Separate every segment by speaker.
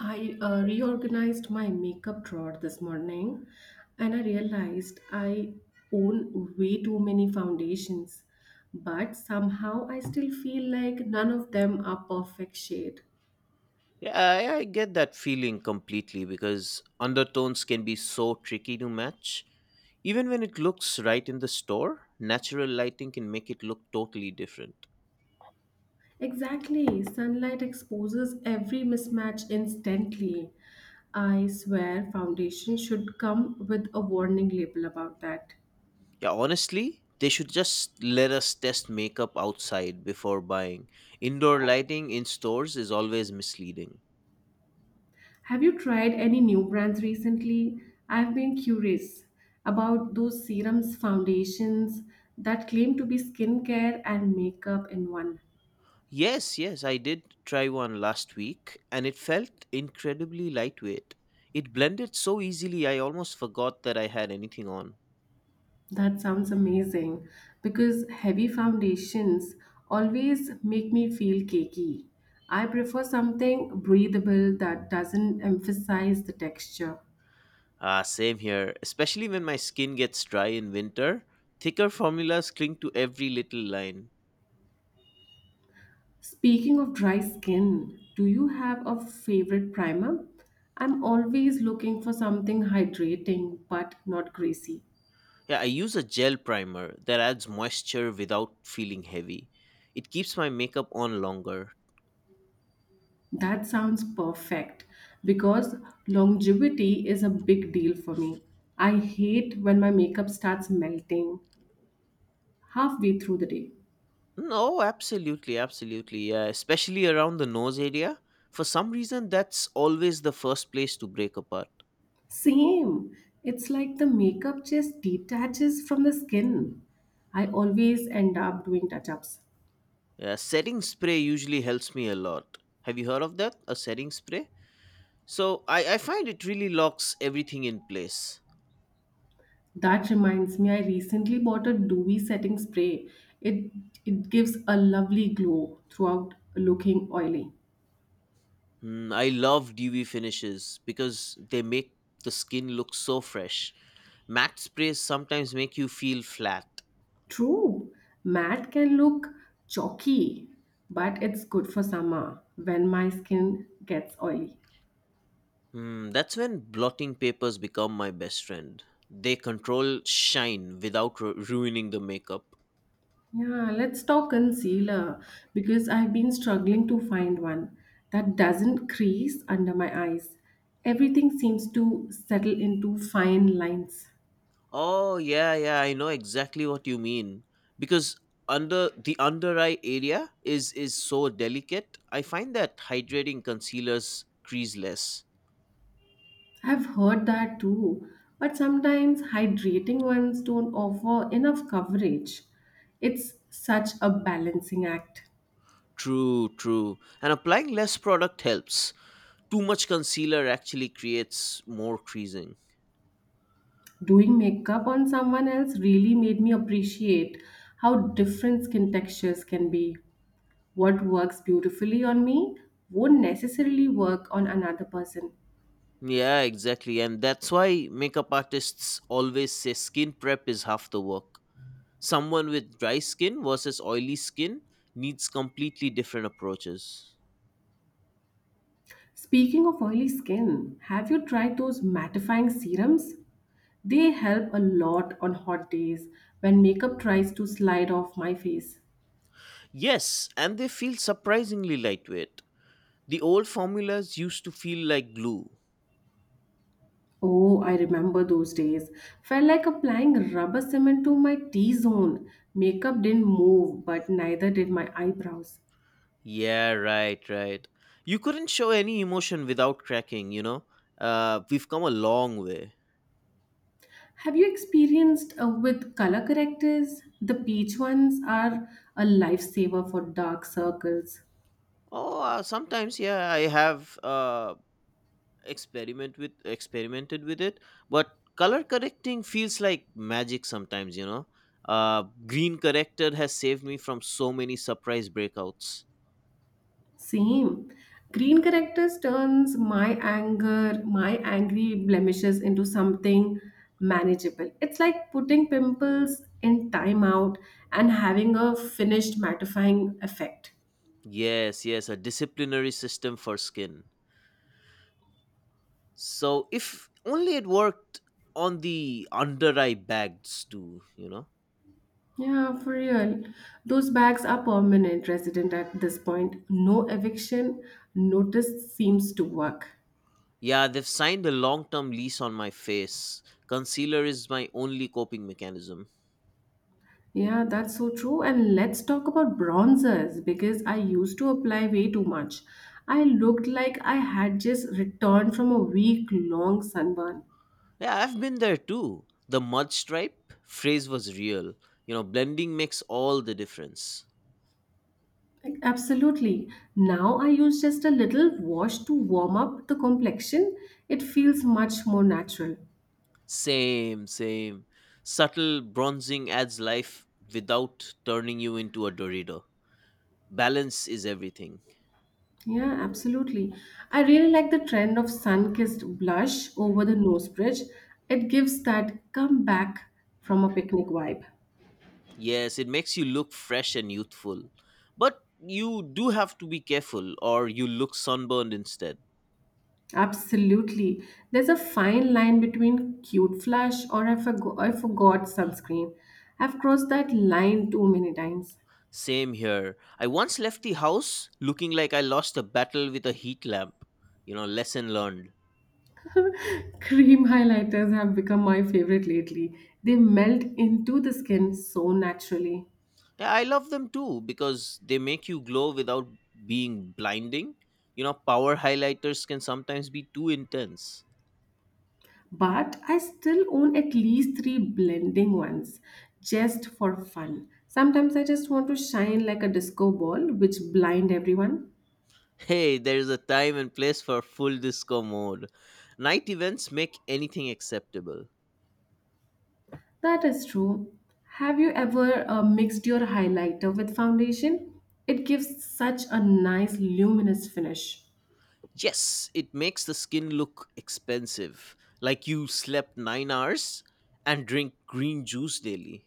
Speaker 1: I reorganized my makeup drawer this morning, and I realized I own way too many foundations, but somehow I still feel like none of them are perfect shade.
Speaker 2: Yeah, I get that feeling completely because undertones can be so tricky to match. Even when it looks right in the store, natural lighting can make it look totally different.
Speaker 1: Exactly, sunlight exposes every mismatch instantly. I swear foundation should come with a warning label about that.
Speaker 2: Yeah, honestly, they should just let us test makeup outside before buying. Indoor lighting in stores is always misleading.
Speaker 1: Have you tried any new brands recently? I've been curious about those serums, foundations that claim to be skincare and makeup in one.
Speaker 2: Yes, yes, I did try one last week and it felt incredibly lightweight. It blended so easily, I almost forgot that I had anything on.
Speaker 1: That sounds amazing because heavy foundations always make me feel cakey. I prefer something breathable that doesn't emphasize the texture.
Speaker 2: Same here, especially when my skin gets dry in winter. Thicker formulas cling to every little line.
Speaker 1: Speaking of dry skin, do you have a favorite primer? I'm always looking for something hydrating but not greasy.
Speaker 2: Yeah, I use a gel primer that adds moisture without feeling heavy. It keeps my makeup on longer.
Speaker 1: That sounds perfect because longevity is a big deal for me. I hate when my makeup starts melting halfway through the day.
Speaker 2: No, absolutely, absolutely. Yeah, especially around the nose area. For some reason, that's always the first place to break apart.
Speaker 1: Same. It's like the makeup just detaches from the skin. I always end up doing touch ups.
Speaker 2: Yeah, setting spray usually helps me a lot. Have you heard of that? A setting spray? So I find it really locks everything in place.
Speaker 1: That reminds me, I recently bought a dewy setting spray. It it gives a lovely glow throughout looking oily.
Speaker 2: Mm, I love dewy finishes because they make the skin look so fresh. Matte sprays sometimes make you feel flat.
Speaker 1: True, matte can look chalky, but it's good for summer when my skin gets oily.
Speaker 2: Mm, that's when blotting papers become my best friend. They control shine without ruining the makeup.
Speaker 1: Yeah, let's talk concealer because I've been struggling to find one that doesn't crease under my eyes. Everything seems to settle into fine lines.
Speaker 2: Oh yeah, yeah, I know exactly what you mean. Because under eye area is so delicate. I find that hydrating concealers crease less.
Speaker 1: I've heard that too, but sometimes hydrating ones don't offer enough coverage. It's such a balancing act.
Speaker 2: True, true. And applying less product helps, too much concealer actually creates more creasing.
Speaker 1: Doing makeup on someone else really made me appreciate how different skin textures can be. What works beautifully on me won't necessarily work on another person.
Speaker 2: Yeah, exactly. And that's why makeup artists always say skin prep is half the work. Someone with dry skin versus oily skin needs completely different approaches.
Speaker 1: Speaking of oily skin, have you tried those mattifying serums? They help a lot on hot days when makeup tries to slide off my face.
Speaker 2: Yes, and they feel surprisingly lightweight. The old formulas used to feel like glue.
Speaker 1: Oh, I remember those days. Felt like applying rubber cement to my T zone. Makeup didn't move, but neither did my eyebrows.
Speaker 2: Yeah, right, right. You couldn't show any emotion without cracking, you know? We've come a long way.
Speaker 1: Have you experienced with color correctors? The peach ones are a lifesaver for dark circles.
Speaker 2: Oh, sometimes, yeah, I have, experimented with it, but color correcting feels like magic sometimes, you know. Green corrector has saved me from so many surprise breakouts.
Speaker 1: Same. Green correctors turns my angry blemishes into something manageable. It's like putting pimples in timeout and having a finished mattifying effect.
Speaker 2: Yes, yes, a disciplinary system for skin. So if only it worked on the under eye bags too, you know.
Speaker 1: Yeah, for real. Those bags are permanent resident at this point. No eviction notice seems to work.
Speaker 2: Yeah, they've signed a long term lease on my face. Concealer is my only coping mechanism.
Speaker 1: Yeah, that's so true. And let's talk about bronzers because I used to apply way too much. I looked like I had just returned from a week long sunburn.
Speaker 2: Yeah, I've been there too. The mud stripe phrase was real. You know, blending makes all the difference.
Speaker 1: Like, absolutely. Now I use just a little wash to warm up the complexion. It feels much more natural.
Speaker 2: Same, same. Subtle bronzing adds life without turning you into a Dorito. Balance is everything.
Speaker 1: Yeah, absolutely. I really like the trend of sun-kissed blush over the nose bridge. It gives that come back from a picnic vibe.
Speaker 2: Yes, it makes you look fresh and youthful. But you do have to be careful, or you look sunburned instead.
Speaker 1: Absolutely. There's a fine line between cute flush or I forgot sunscreen. I've crossed that line too many times.
Speaker 2: Same here. I once left the house looking like I lost a battle with a heat lamp. You know, lesson learned.
Speaker 1: Cream highlighters have become my favorite lately. They melt into the skin so naturally.
Speaker 2: Yeah, I love them too because they make you glow without being blinding. You know, power highlighters can sometimes be too intense.
Speaker 1: But I still own at least three blending ones just for fun. Sometimes I just want to shine like a disco ball, which blind everyone.
Speaker 2: Hey, there is a time and place for full disco mode. Night events make anything acceptable.
Speaker 1: That is true. Have you ever mixed your highlighter with foundation? It gives such a nice luminous finish.
Speaker 2: Yes, it makes the skin look expensive, like you slept 9 hours and drink green juice daily.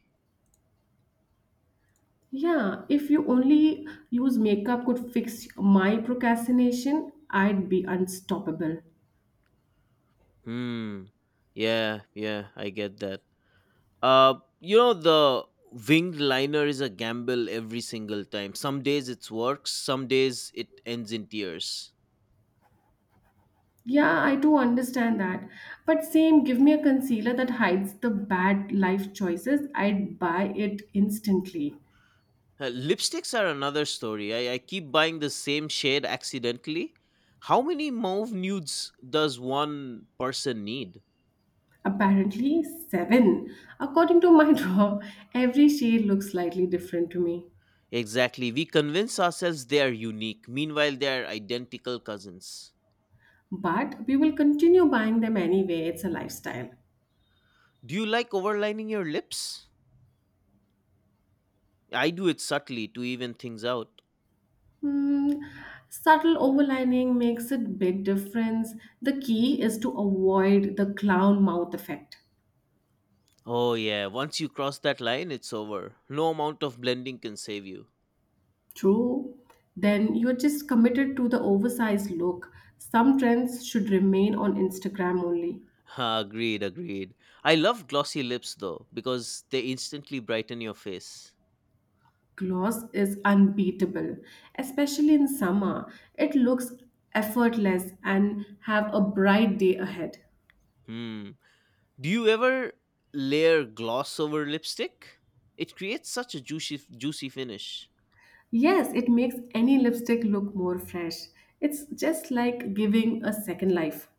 Speaker 1: Yeah, if you only use makeup could fix my procrastination, I'd be unstoppable.
Speaker 2: Hmm. Yeah, yeah, I get that. Uh, you know, the winged liner is a gamble every single time. Some days it works, some days it ends in tears.
Speaker 1: Yeah, I do understand that. But same, give me a concealer that hides the bad life choices. I'd buy it instantly.
Speaker 2: Lipsticks are another story. I keep buying the same shade accidentally. How many mauve nudes does one person need?
Speaker 1: Apparently, seven. According to my drawer, every shade looks slightly different to me.
Speaker 2: Exactly. We convince ourselves they are unique. Meanwhile, they are identical cousins.
Speaker 1: But we will continue buying them anyway. It's a lifestyle.
Speaker 2: Do you like overlining your lips? I do it subtly to even things out.
Speaker 1: Hmm, subtle overlining makes a big difference. The key is to avoid the clown mouth effect.
Speaker 2: Oh, yeah, once you cross that line, it's over. No amount of blending can save you.
Speaker 1: True, then you're just committed to the oversized look. Some trends should remain on Instagram only.
Speaker 2: Ha, agreed, agreed. I love glossy lips though, because they instantly brighten your face.
Speaker 1: Gloss is unbeatable, especially in summer. It looks effortless and have a bright day ahead.
Speaker 2: Hmm. Do you ever layer gloss over lipstick? It creates such a juicy, juicy finish.
Speaker 1: Yes, it makes any lipstick look more fresh. It's just like giving a second life.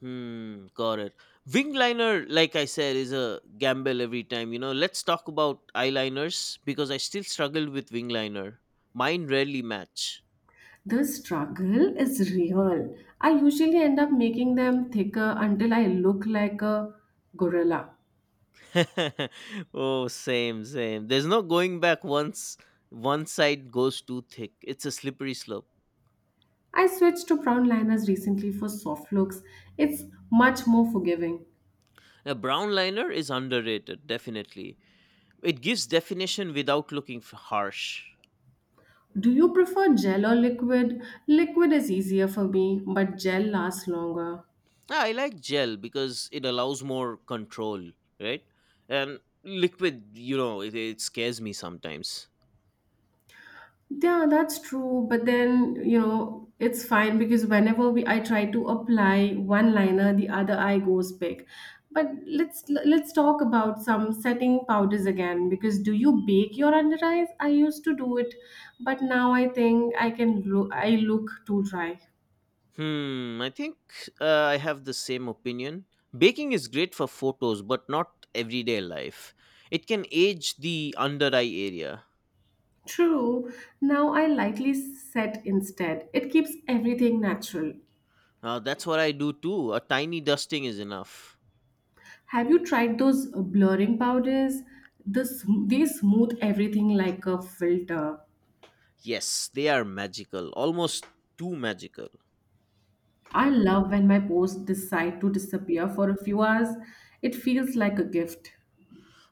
Speaker 2: Hmm, got it. Wing liner, like I said, is a gamble every time. You know, let's talk about eyeliners because I still struggle with wing liner. Mine rarely match.
Speaker 1: The struggle is real. I usually end up making them thicker until I look like a gorilla.
Speaker 2: Oh, same, same. There's no going back once one side goes too thick. It's a slippery slope.
Speaker 1: I switched to brown liners recently for soft looks. It's much more forgiving.
Speaker 2: A brown liner is underrated, definitely. It gives definition without looking harsh.
Speaker 1: Do you prefer gel or liquid? Liquid is easier for me, but gel lasts longer.
Speaker 2: Ah, I like gel because it allows more control, right? And liquid, you know, it scares me sometimes.
Speaker 1: Yeah, that's true. But then, you know, it's fine because whenever we I try to apply one liner, the other eye goes big. But let's talk about some setting powders again because do you bake your under eyes? I used to do it, but now I think I look too dry.
Speaker 2: Hmm, I think, I have the same opinion. Baking is great for photos, but not everyday life. It can age the under eye area.
Speaker 1: True. Now I lightly set instead. It keeps everything natural.
Speaker 2: That's what I do too. A tiny dusting is enough.
Speaker 1: Have you tried those blurring powders? They smooth everything like a filter.
Speaker 2: Yes, they are magical, almost too magical.
Speaker 1: I love when my posts decide to disappear for a few hours. It feels like a gift.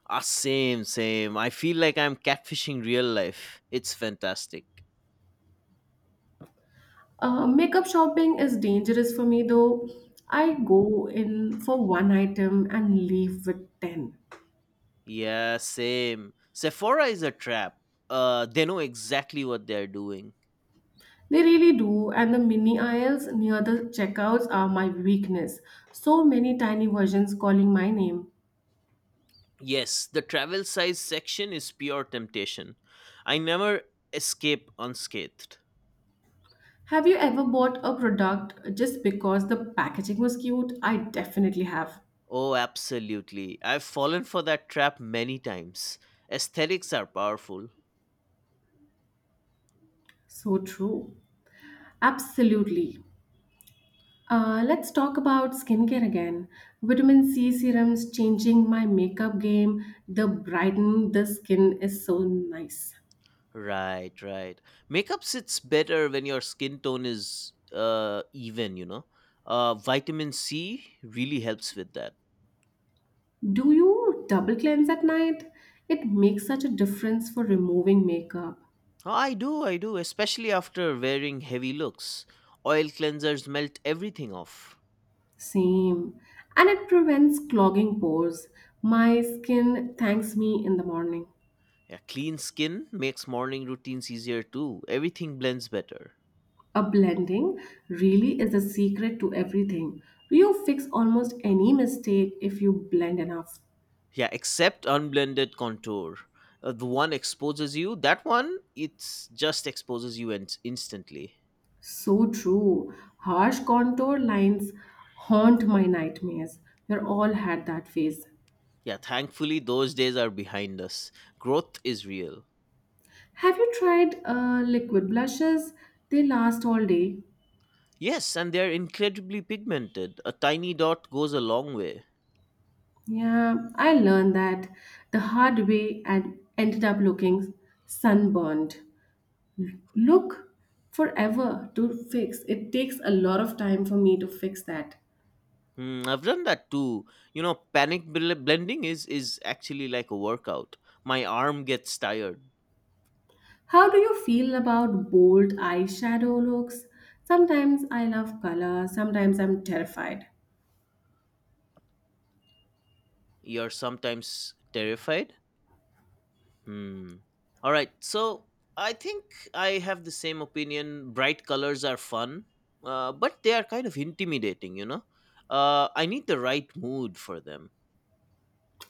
Speaker 2: Ah, same, same. I feel like I'm catfishing real life. It's fantastic.
Speaker 1: Makeup shopping is dangerous for me though. I go in for one item and leave with 10.
Speaker 2: Yeah, same. Sephora is a trap. They know exactly what they're doing.
Speaker 1: They really do, and the mini aisles near the checkouts are my weakness. So many tiny versions calling my name.
Speaker 2: Yes, the travel size section is pure temptation. I never escape unscathed.
Speaker 1: Have you ever bought a product just because the packaging was cute? I definitely have.
Speaker 2: Oh, absolutely. I've fallen for that trap many times. Aesthetics are powerful.
Speaker 1: So true. Absolutely. Let's talk about skincare again. Vitamin C serums changing my makeup game. The brighten the skin is so nice.
Speaker 2: Right, right. Makeup sits better when your skin tone is, even, you know. Vitamin C really helps with that.
Speaker 1: Do you double cleanse at night? It makes such a difference for removing makeup.
Speaker 2: Oh, I do, especially after wearing heavy looks. Oil cleansers melt everything off.
Speaker 1: Same. And it prevents clogging pores. My skin thanks me in the morning.
Speaker 2: Yeah, clean skin makes morning routines easier too. Everything blends better.
Speaker 1: A blending really is the secret to everything. You fix almost any mistake if you blend enough.
Speaker 2: Yeah, except unblended contour. The one exposes you, that one, it's just exposes you instantly.
Speaker 1: So true. Harsh contour lines haunt my nightmares. We're all had that phase.
Speaker 2: Yeah, thankfully, those days are behind us. Growth is real.
Speaker 1: Have you tried liquid blushes? They last all day.
Speaker 2: Yes, and they're incredibly pigmented. A tiny dot goes a long way.
Speaker 1: Yeah, I learned that the hard way and ended up looking sunburned. Look forever to fix. It takes a lot of time for me to fix that.
Speaker 2: Hmm, I've done that too. You know, panic blending is actually like a workout. My arm gets tired.
Speaker 1: How do you feel about bold eyeshadow looks? Sometimes I love color, sometimes I'm terrified.
Speaker 2: You're sometimes terrified. Hmm. All right. So I think I have the same opinion. Bright colors are fun, but they are kind of intimidating, you know? I need the right mood for them.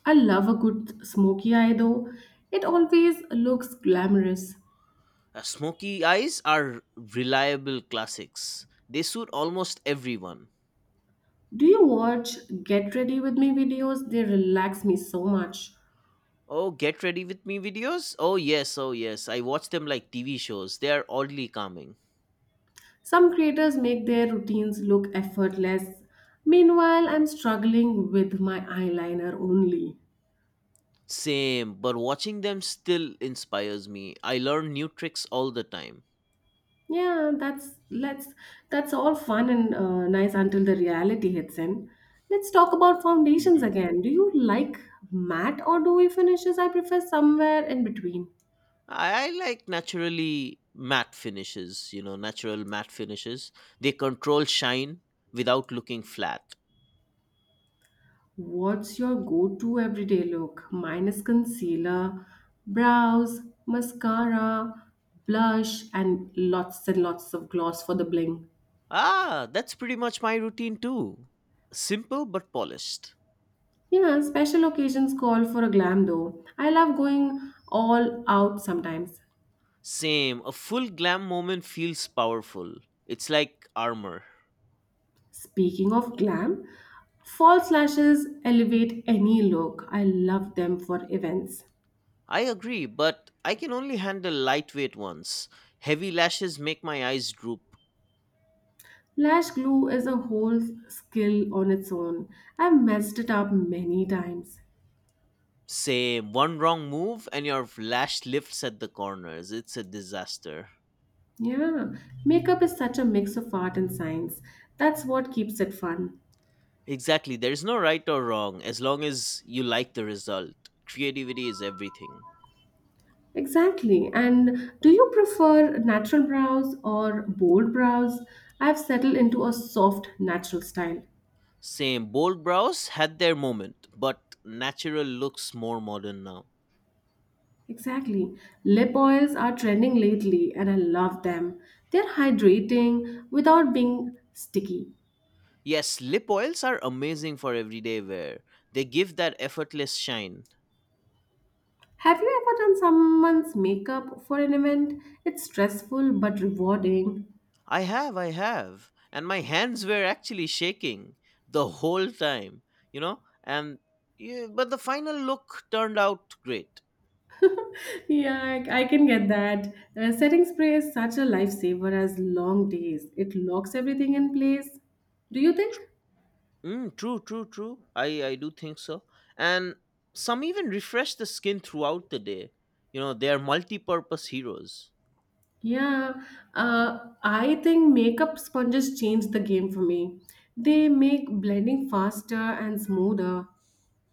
Speaker 1: I love a good smoky eye though. It always looks glamorous.
Speaker 2: Smoky eyes are reliable classics, they suit almost everyone.
Speaker 1: Do you watch Get Ready With Me videos? They relax me so much.
Speaker 2: Oh, get ready with me videos? Oh, yes, oh, yes. I watch them like TV shows. They are oddly calming.
Speaker 1: Some creators make their routines look effortless. Meanwhile, I'm struggling with my eyeliner only.
Speaker 2: Same, but watching them still inspires me. I learn new tricks all the time.
Speaker 1: Yeah, that's let's that's all fun and nice until the reality hits in. Let's talk about foundations again. Do you like matte or dewy finishes? I prefer somewhere in between.
Speaker 2: I like naturally matte finishes, you know, natural matte finishes. They control shine without looking flat.
Speaker 1: What's your go-to everyday look? Mine is concealer, brows, mascara, blush, and lots of gloss for the bling.
Speaker 2: Ah, that's pretty much my routine too. Simple but polished.
Speaker 1: Yeah, special occasions call for a glam though. I love going all out sometimes.
Speaker 2: Same, a full glam moment feels powerful. It's like armor.
Speaker 1: Speaking of glam, false lashes elevate any look. I love them for events.
Speaker 2: I agree, but I can only handle lightweight ones. Heavy lashes make my eyes droop.
Speaker 1: Lash glue is a whole skill on its own. I've messed it up many times.
Speaker 2: Same, one wrong move and your lash lifts at the corners. It's a disaster.
Speaker 1: Yeah, makeup is such a mix of art and science. That's what keeps it fun.
Speaker 2: Exactly. There's no right or wrong as long as you like the result. Creativity is everything.
Speaker 1: Exactly. And do you prefer natural brows or bold brows? I've settled into a soft, natural style.
Speaker 2: Same. Bold brows had their moment, but natural looks more modern now.
Speaker 1: Exactly. Lip oils are trending lately and I love them. They're hydrating without being sticky.
Speaker 2: Yes, lip oils are amazing for everyday wear. They give that effortless shine.
Speaker 1: Have you ever done someone's makeup for an event? It's stressful but rewarding.
Speaker 2: I have, I have. And my hands were actually shaking the whole time, you know? And yeah, but the final look turned out great.
Speaker 1: Yeah, I can get that. Setting spray is such a lifesaver as long days. It locks everything in place. Do you think?
Speaker 2: Mm, true, true, true. I do think so. And some even refresh the skin throughout the day. You know, they are multi purpose heroes.
Speaker 1: Yeah, uh, I think makeup sponges changed the game for me. They make blending faster and smoother.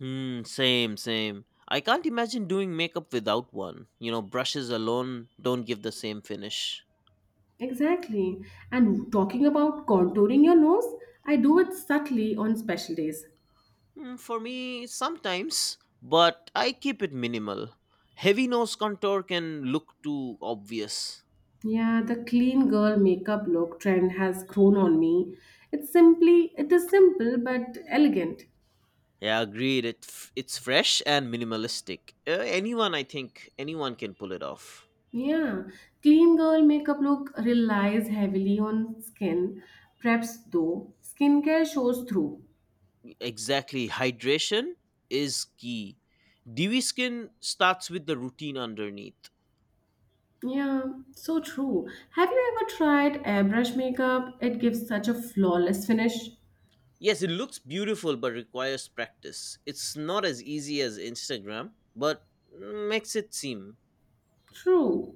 Speaker 2: Hmm, same, same. I can't imagine doing makeup without one. You know, brushes alone don't give the same finish.
Speaker 1: Exactly. And talking about contouring your nose, I do it subtly on special days.
Speaker 2: Hmm, for me, sometimes, but I keep it minimal. Heavy nose contour can look too obvious.
Speaker 1: Yeah, the clean girl makeup look trend has grown on me. It is simple but elegant.
Speaker 2: Yeah, agreed. It's fresh and minimalistic. Anyone, I think, anyone can pull it off.
Speaker 1: Yeah, clean girl makeup look relies heavily on skin. Preps though, skincare shows through.
Speaker 2: Exactly. Hydration is key. Dewy skin starts with the routine underneath.
Speaker 1: Yeah, so true. Have you ever tried airbrush makeup? It gives such a flawless finish.
Speaker 2: Yes, it looks beautiful but requires practice. It's not as easy as Instagram, but makes it seem.
Speaker 1: True.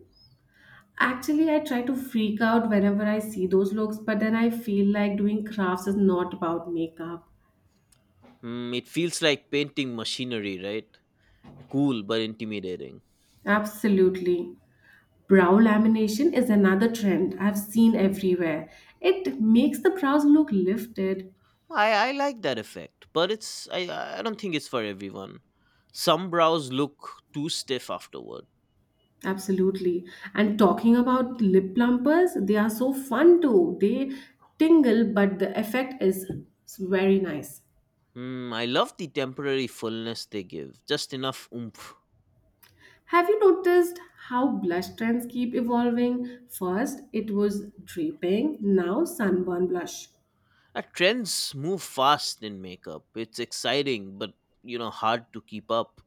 Speaker 1: Actually, I try to freak out whenever I see those looks, but then I feel like doing crafts is not about makeup.
Speaker 2: Hmm, it feels like painting machinery, right? Cool but intimidating.
Speaker 1: Absolutely. Brow lamination is another trend I've seen everywhere. It makes the brows look lifted.
Speaker 2: I like that effect, but I don't think it's for everyone. Some brows look too stiff afterward.
Speaker 1: Absolutely. And talking about lip plumpers, they are so fun too. They tingle, but the effect is very nice.
Speaker 2: Hmm, I love the temporary fullness they give, just enough oomph.
Speaker 1: Have you noticed how blush trends keep evolving? First, it was draping, now, sunburn blush.
Speaker 2: Trends move fast in makeup. It's exciting, but you know, hard to keep up.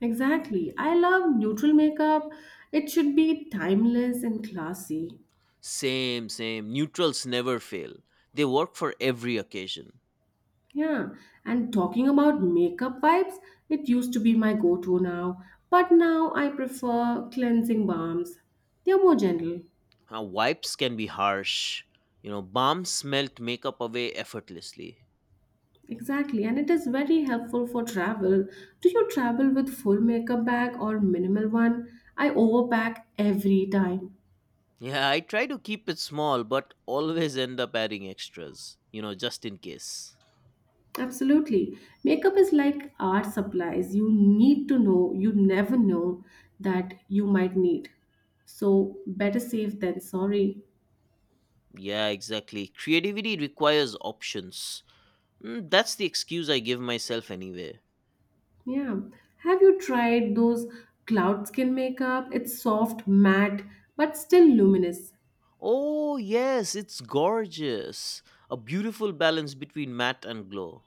Speaker 1: Exactly. I love neutral makeup. It should be timeless and classy.
Speaker 2: Same, same. Neutrals never fail. They work for every occasion.
Speaker 1: Yeah, and talking about makeup wipes, it used to be my go to now, but now I prefer cleansing balms. They are more gentle.
Speaker 2: Wipes can be harsh. You know, bombs melt makeup away effortlessly.
Speaker 1: Exactly, and it is very helpful for travel. Do you travel with full makeup bag or minimal one? I overpack every time.
Speaker 2: Yeah, I try to keep it small, but always end up adding extras. You know, just in case.
Speaker 1: Absolutely. Makeup is like art supplies. You need to know, you never know that you might need. So better safe than sorry.
Speaker 2: Yeah, exactly. Creativity requires options. Mm, that's the excuse I give myself anyway.
Speaker 1: Yeah. Have you tried those cloud skin makeup? It's soft, matte, but still luminous.
Speaker 2: Oh, yes, it's gorgeous. A beautiful balance between matte and glow.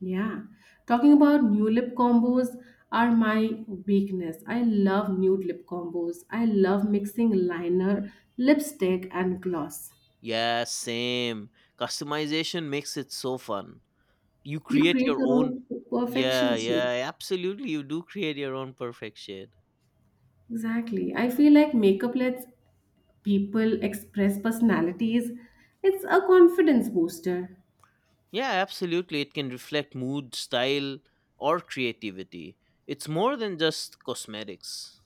Speaker 1: Yeah. Talking about new lip combos are my weakness. I love nude lip combos. I love mixing liner, lipstick, and gloss.
Speaker 2: Yeah, same. Customization makes it so fun. You
Speaker 1: You
Speaker 2: create
Speaker 1: create
Speaker 2: your
Speaker 1: your
Speaker 2: own.
Speaker 1: own
Speaker 2: Yeah,
Speaker 1: perfection shade.
Speaker 2: yeah, absolutely. You do create your own perfect shade.
Speaker 1: Exactly. I feel like makeup lets people express personalities. It's a confidence booster.
Speaker 2: Yeah, absolutely. It can reflect mood, style, or creativity. It's more than just cosmetics.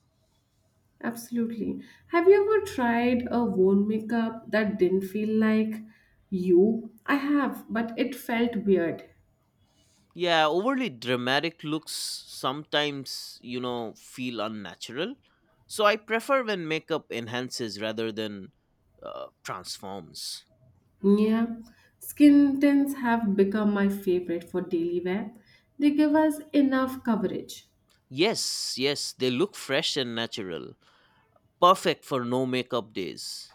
Speaker 1: Absolutely. Have you ever tried a worn makeup that didn't feel like you? I have, but it felt weird.
Speaker 2: Yeah, overly dramatic looks sometimes, you know, feel unnatural. So I prefer when makeup enhances rather than, transforms.
Speaker 1: Yeah. Skin tints have become my favorite for daily wear. They give us enough coverage.
Speaker 2: Yes, yes, they look fresh and natural. Perfect for no makeup days.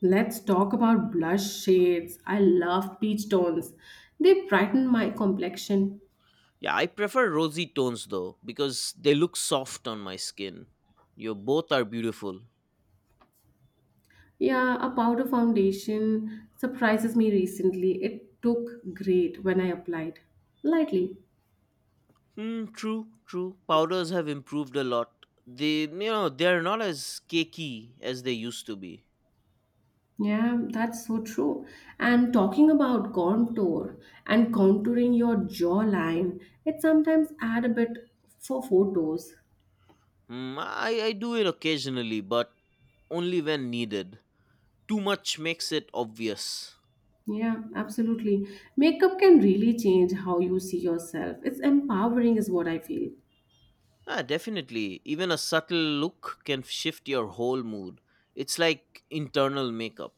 Speaker 1: Let's talk about blush shades. I love peach tones. They brighten my complexion.
Speaker 2: Yeah, I prefer rosy tones though, because they look soft on my skin. You both are beautiful.
Speaker 1: Yeah, a powder foundation surprises me recently. It took great when I applied lightly.
Speaker 2: Hmm, true, true. Powders have improved a lot. They, you know, they're not as cakey as they used to be.
Speaker 1: Yeah, that's so true. And talking about contour and contouring your jawline, it sometimes add a bit for photos.
Speaker 2: Mm, I do it occasionally, but only when needed. Too much makes it obvious.
Speaker 1: Yeah, absolutely. Makeup can really change how you see yourself. It's empowering is what I feel.
Speaker 2: Ah, definitely. Even a subtle look can shift your whole mood. It's like internal makeup.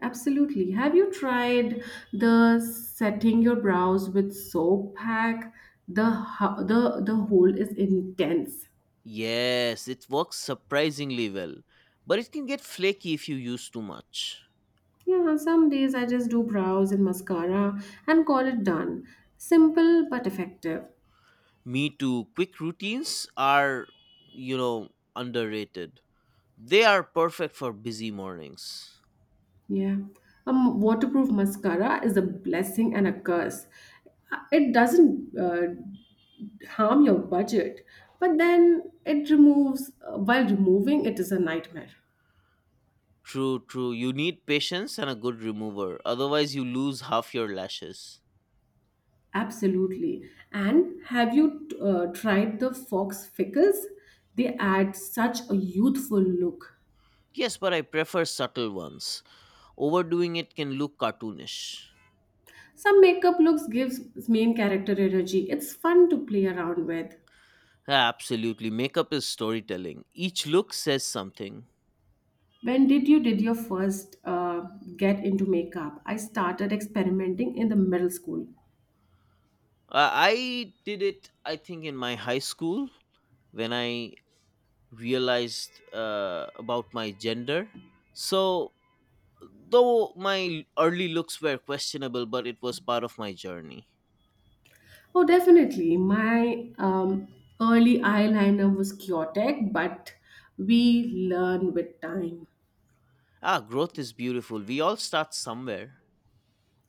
Speaker 1: Absolutely. Have you tried the setting your brows with soap pack? The ho- the whole is intense.
Speaker 2: Yes, it works surprisingly well, but it can get flaky if you use too much.
Speaker 1: Yeah, some days I just do brows and mascara and call it done. Simple but effective.
Speaker 2: Me too. Quick routines are, you know, underrated. They are perfect for busy mornings.
Speaker 1: Yeah. Waterproof mascara is a blessing and a curse. It doesn't harm your budget, but then it removes, while removing, it is a nightmare.
Speaker 2: True, true. You need patience and a good remover, otherwise, you lose half your lashes.
Speaker 1: Absolutely. And have you tried the Fox Fickles? They add such a youthful look.
Speaker 2: Yes, but I prefer subtle ones. Overdoing it can look cartoonish.
Speaker 1: Some makeup looks gives main character energy. It's fun to play around with.
Speaker 2: Absolutely. Makeup is storytelling, each look says something.
Speaker 1: When did you did your first get into makeup? I started experimenting in the middle school.
Speaker 2: I did it, I think, in my high school when I realized, about my gender. So, though my early looks were questionable, but it was part of my journey.
Speaker 1: Oh, definitely. My early eyeliner was chaotic, but we learn with time.
Speaker 2: Ah, growth is beautiful. We all start somewhere.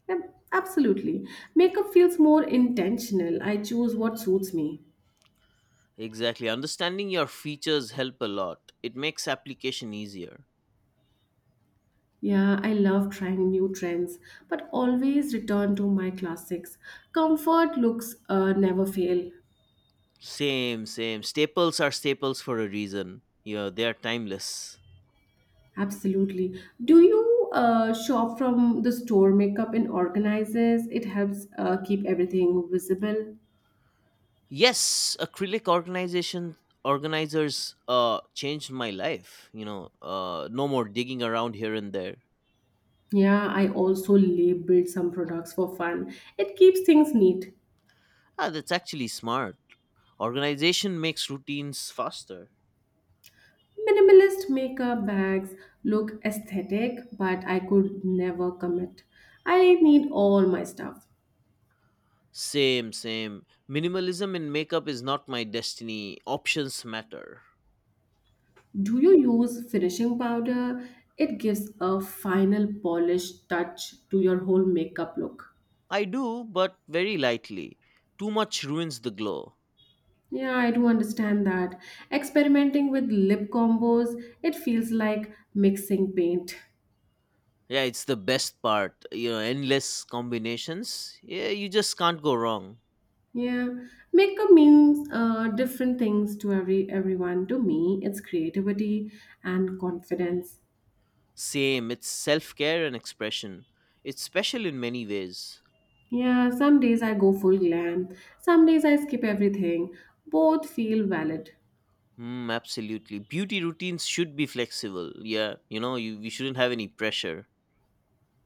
Speaker 1: Yep, absolutely. Makeup feels more intentional. I choose what suits me.
Speaker 2: Exactly. Understanding your features help a lot. It makes application easier.
Speaker 1: Yeah, I love trying new trends, but always return to my classics. Comfort looks never fail.
Speaker 2: Same, same. Staples are staples for a reason. Yeah, they are timeless.
Speaker 1: Absolutely. Do you shop from the store makeup and organizes? It helps keep everything visible.
Speaker 2: Yes, acrylic organization organizers changed my life. You know, no more digging around here and there.
Speaker 1: Yeah, I also labeled some products for fun. It keeps things neat.
Speaker 2: Ah, that's actually smart. Organization makes routines faster.
Speaker 1: Minimalist makeup bags look aesthetic, but I could never commit. I need all my stuff.
Speaker 2: Same, same. Minimalism in makeup is not my destiny. Options matter.
Speaker 1: Do you use finishing powder? It gives a final polished touch to your whole makeup look.
Speaker 2: I do, but very lightly. Too much ruins the glow.
Speaker 1: Yeah, I do understand that. Experimenting with lip combos, it feels like mixing paint.
Speaker 2: Yeah, it's the best part. You know, endless combinations. Yeah, you just can't go wrong.
Speaker 1: Yeah, makeup means different things to every everyone. To me, it's creativity and confidence.
Speaker 2: Same, it's self care and expression. It's special in many ways.
Speaker 1: Yeah, some days I go full glam. Some days I skip everything. Both feel valid.
Speaker 2: Mm, absolutely. Beauty routines should be flexible. Yeah, you know, you shouldn't have any pressure.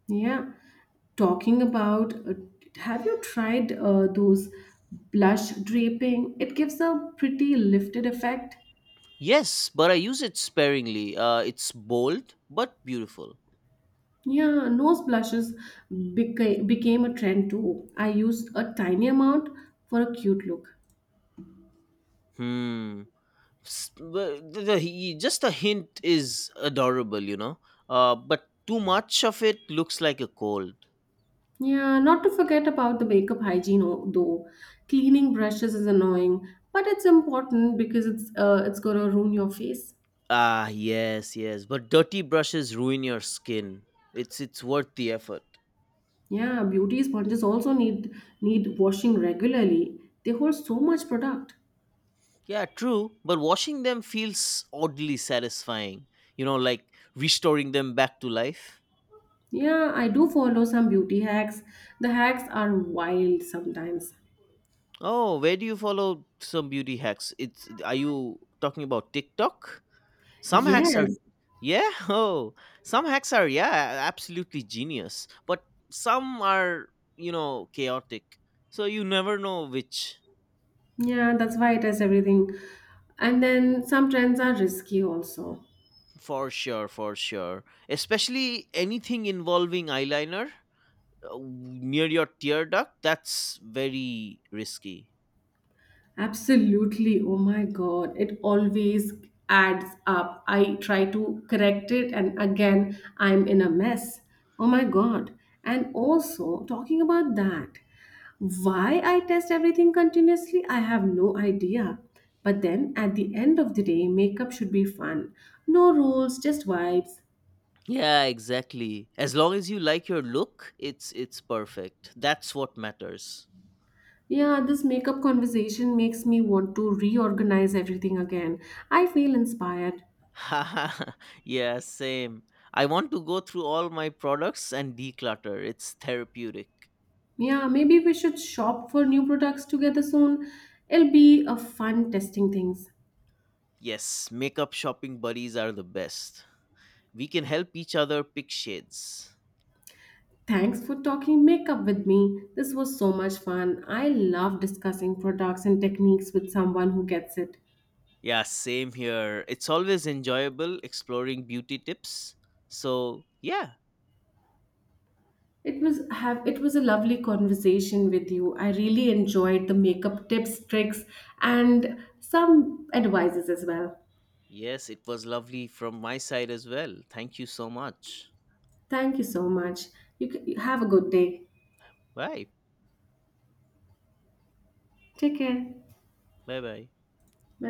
Speaker 1: Yeah. Talking about, have you tried those blush draping? It gives a pretty lifted effect.
Speaker 2: Yes, but I use it sparingly. It's bold, but beautiful.
Speaker 1: Yeah, nose blushes became a trend too. I used a tiny amount for a cute look.
Speaker 2: Hmm. Just a hint is adorable, you know. But too much of it looks like a cold.
Speaker 1: Yeah, not to forget about the makeup hygiene though. Cleaning brushes is annoying, but it's important because it's gonna ruin your face.
Speaker 2: Ah, yes, yes. But dirty brushes ruin your skin. It's worth the effort.
Speaker 1: Yeah, beauty sponges also need washing regularly. They hold so much product.
Speaker 2: Yeah, true. But washing them feels oddly satisfying. You know, like restoring them back to life.
Speaker 1: Yeah, I do follow some beauty hacks. The hacks are wild sometimes.
Speaker 2: Oh, where do you follow some beauty hacks? It's are you talking about TikTok? Some hacks are,
Speaker 1: Yes.
Speaker 2: yeah, oh, some hacks are, yeah, absolutely genius, but some are, you know, chaotic. So you never know which,
Speaker 1: Yeah, that's why it is everything. And then some trends are risky also.
Speaker 2: for sure, for sure. Especially anything involving eyeliner, near your tear duct, that's very risky.
Speaker 1: Absolutely. Oh my God. It always adds up. I try to correct it, and again, I'm in a mess. Oh my God. And also, talking about that, why I test everything continuously, I have no idea. But then at the end of the day, makeup should be fun. No rules, just vibes.
Speaker 2: Yeah, exactly. As long as you like your look, it's perfect. That's what matters.
Speaker 1: Yeah, this makeup conversation makes me want to reorganize everything again. I feel inspired.
Speaker 2: Yeah, same. I want to go through all my products and declutter. It's therapeutic.
Speaker 1: Yeah, maybe we should shop for new products together soon. It'll be a fun testing things.
Speaker 2: Yes, makeup shopping buddies are the best. We can help each other pick shades.
Speaker 1: Thanks for talking makeup with me. This was so much fun. I love discussing products and techniques with someone who gets it.
Speaker 2: Yeah, same here. It's always enjoyable exploring beauty tips. So, yeah.
Speaker 1: It was have it was a lovely conversation with you. I really enjoyed the makeup tips, tricks, and some advices as well.
Speaker 2: Yes, it was lovely from my side as well. Thank you so much.
Speaker 1: Thank you so much. You have a good day.
Speaker 2: Bye.
Speaker 1: Take care.
Speaker 2: Bye bye.
Speaker 1: Bye.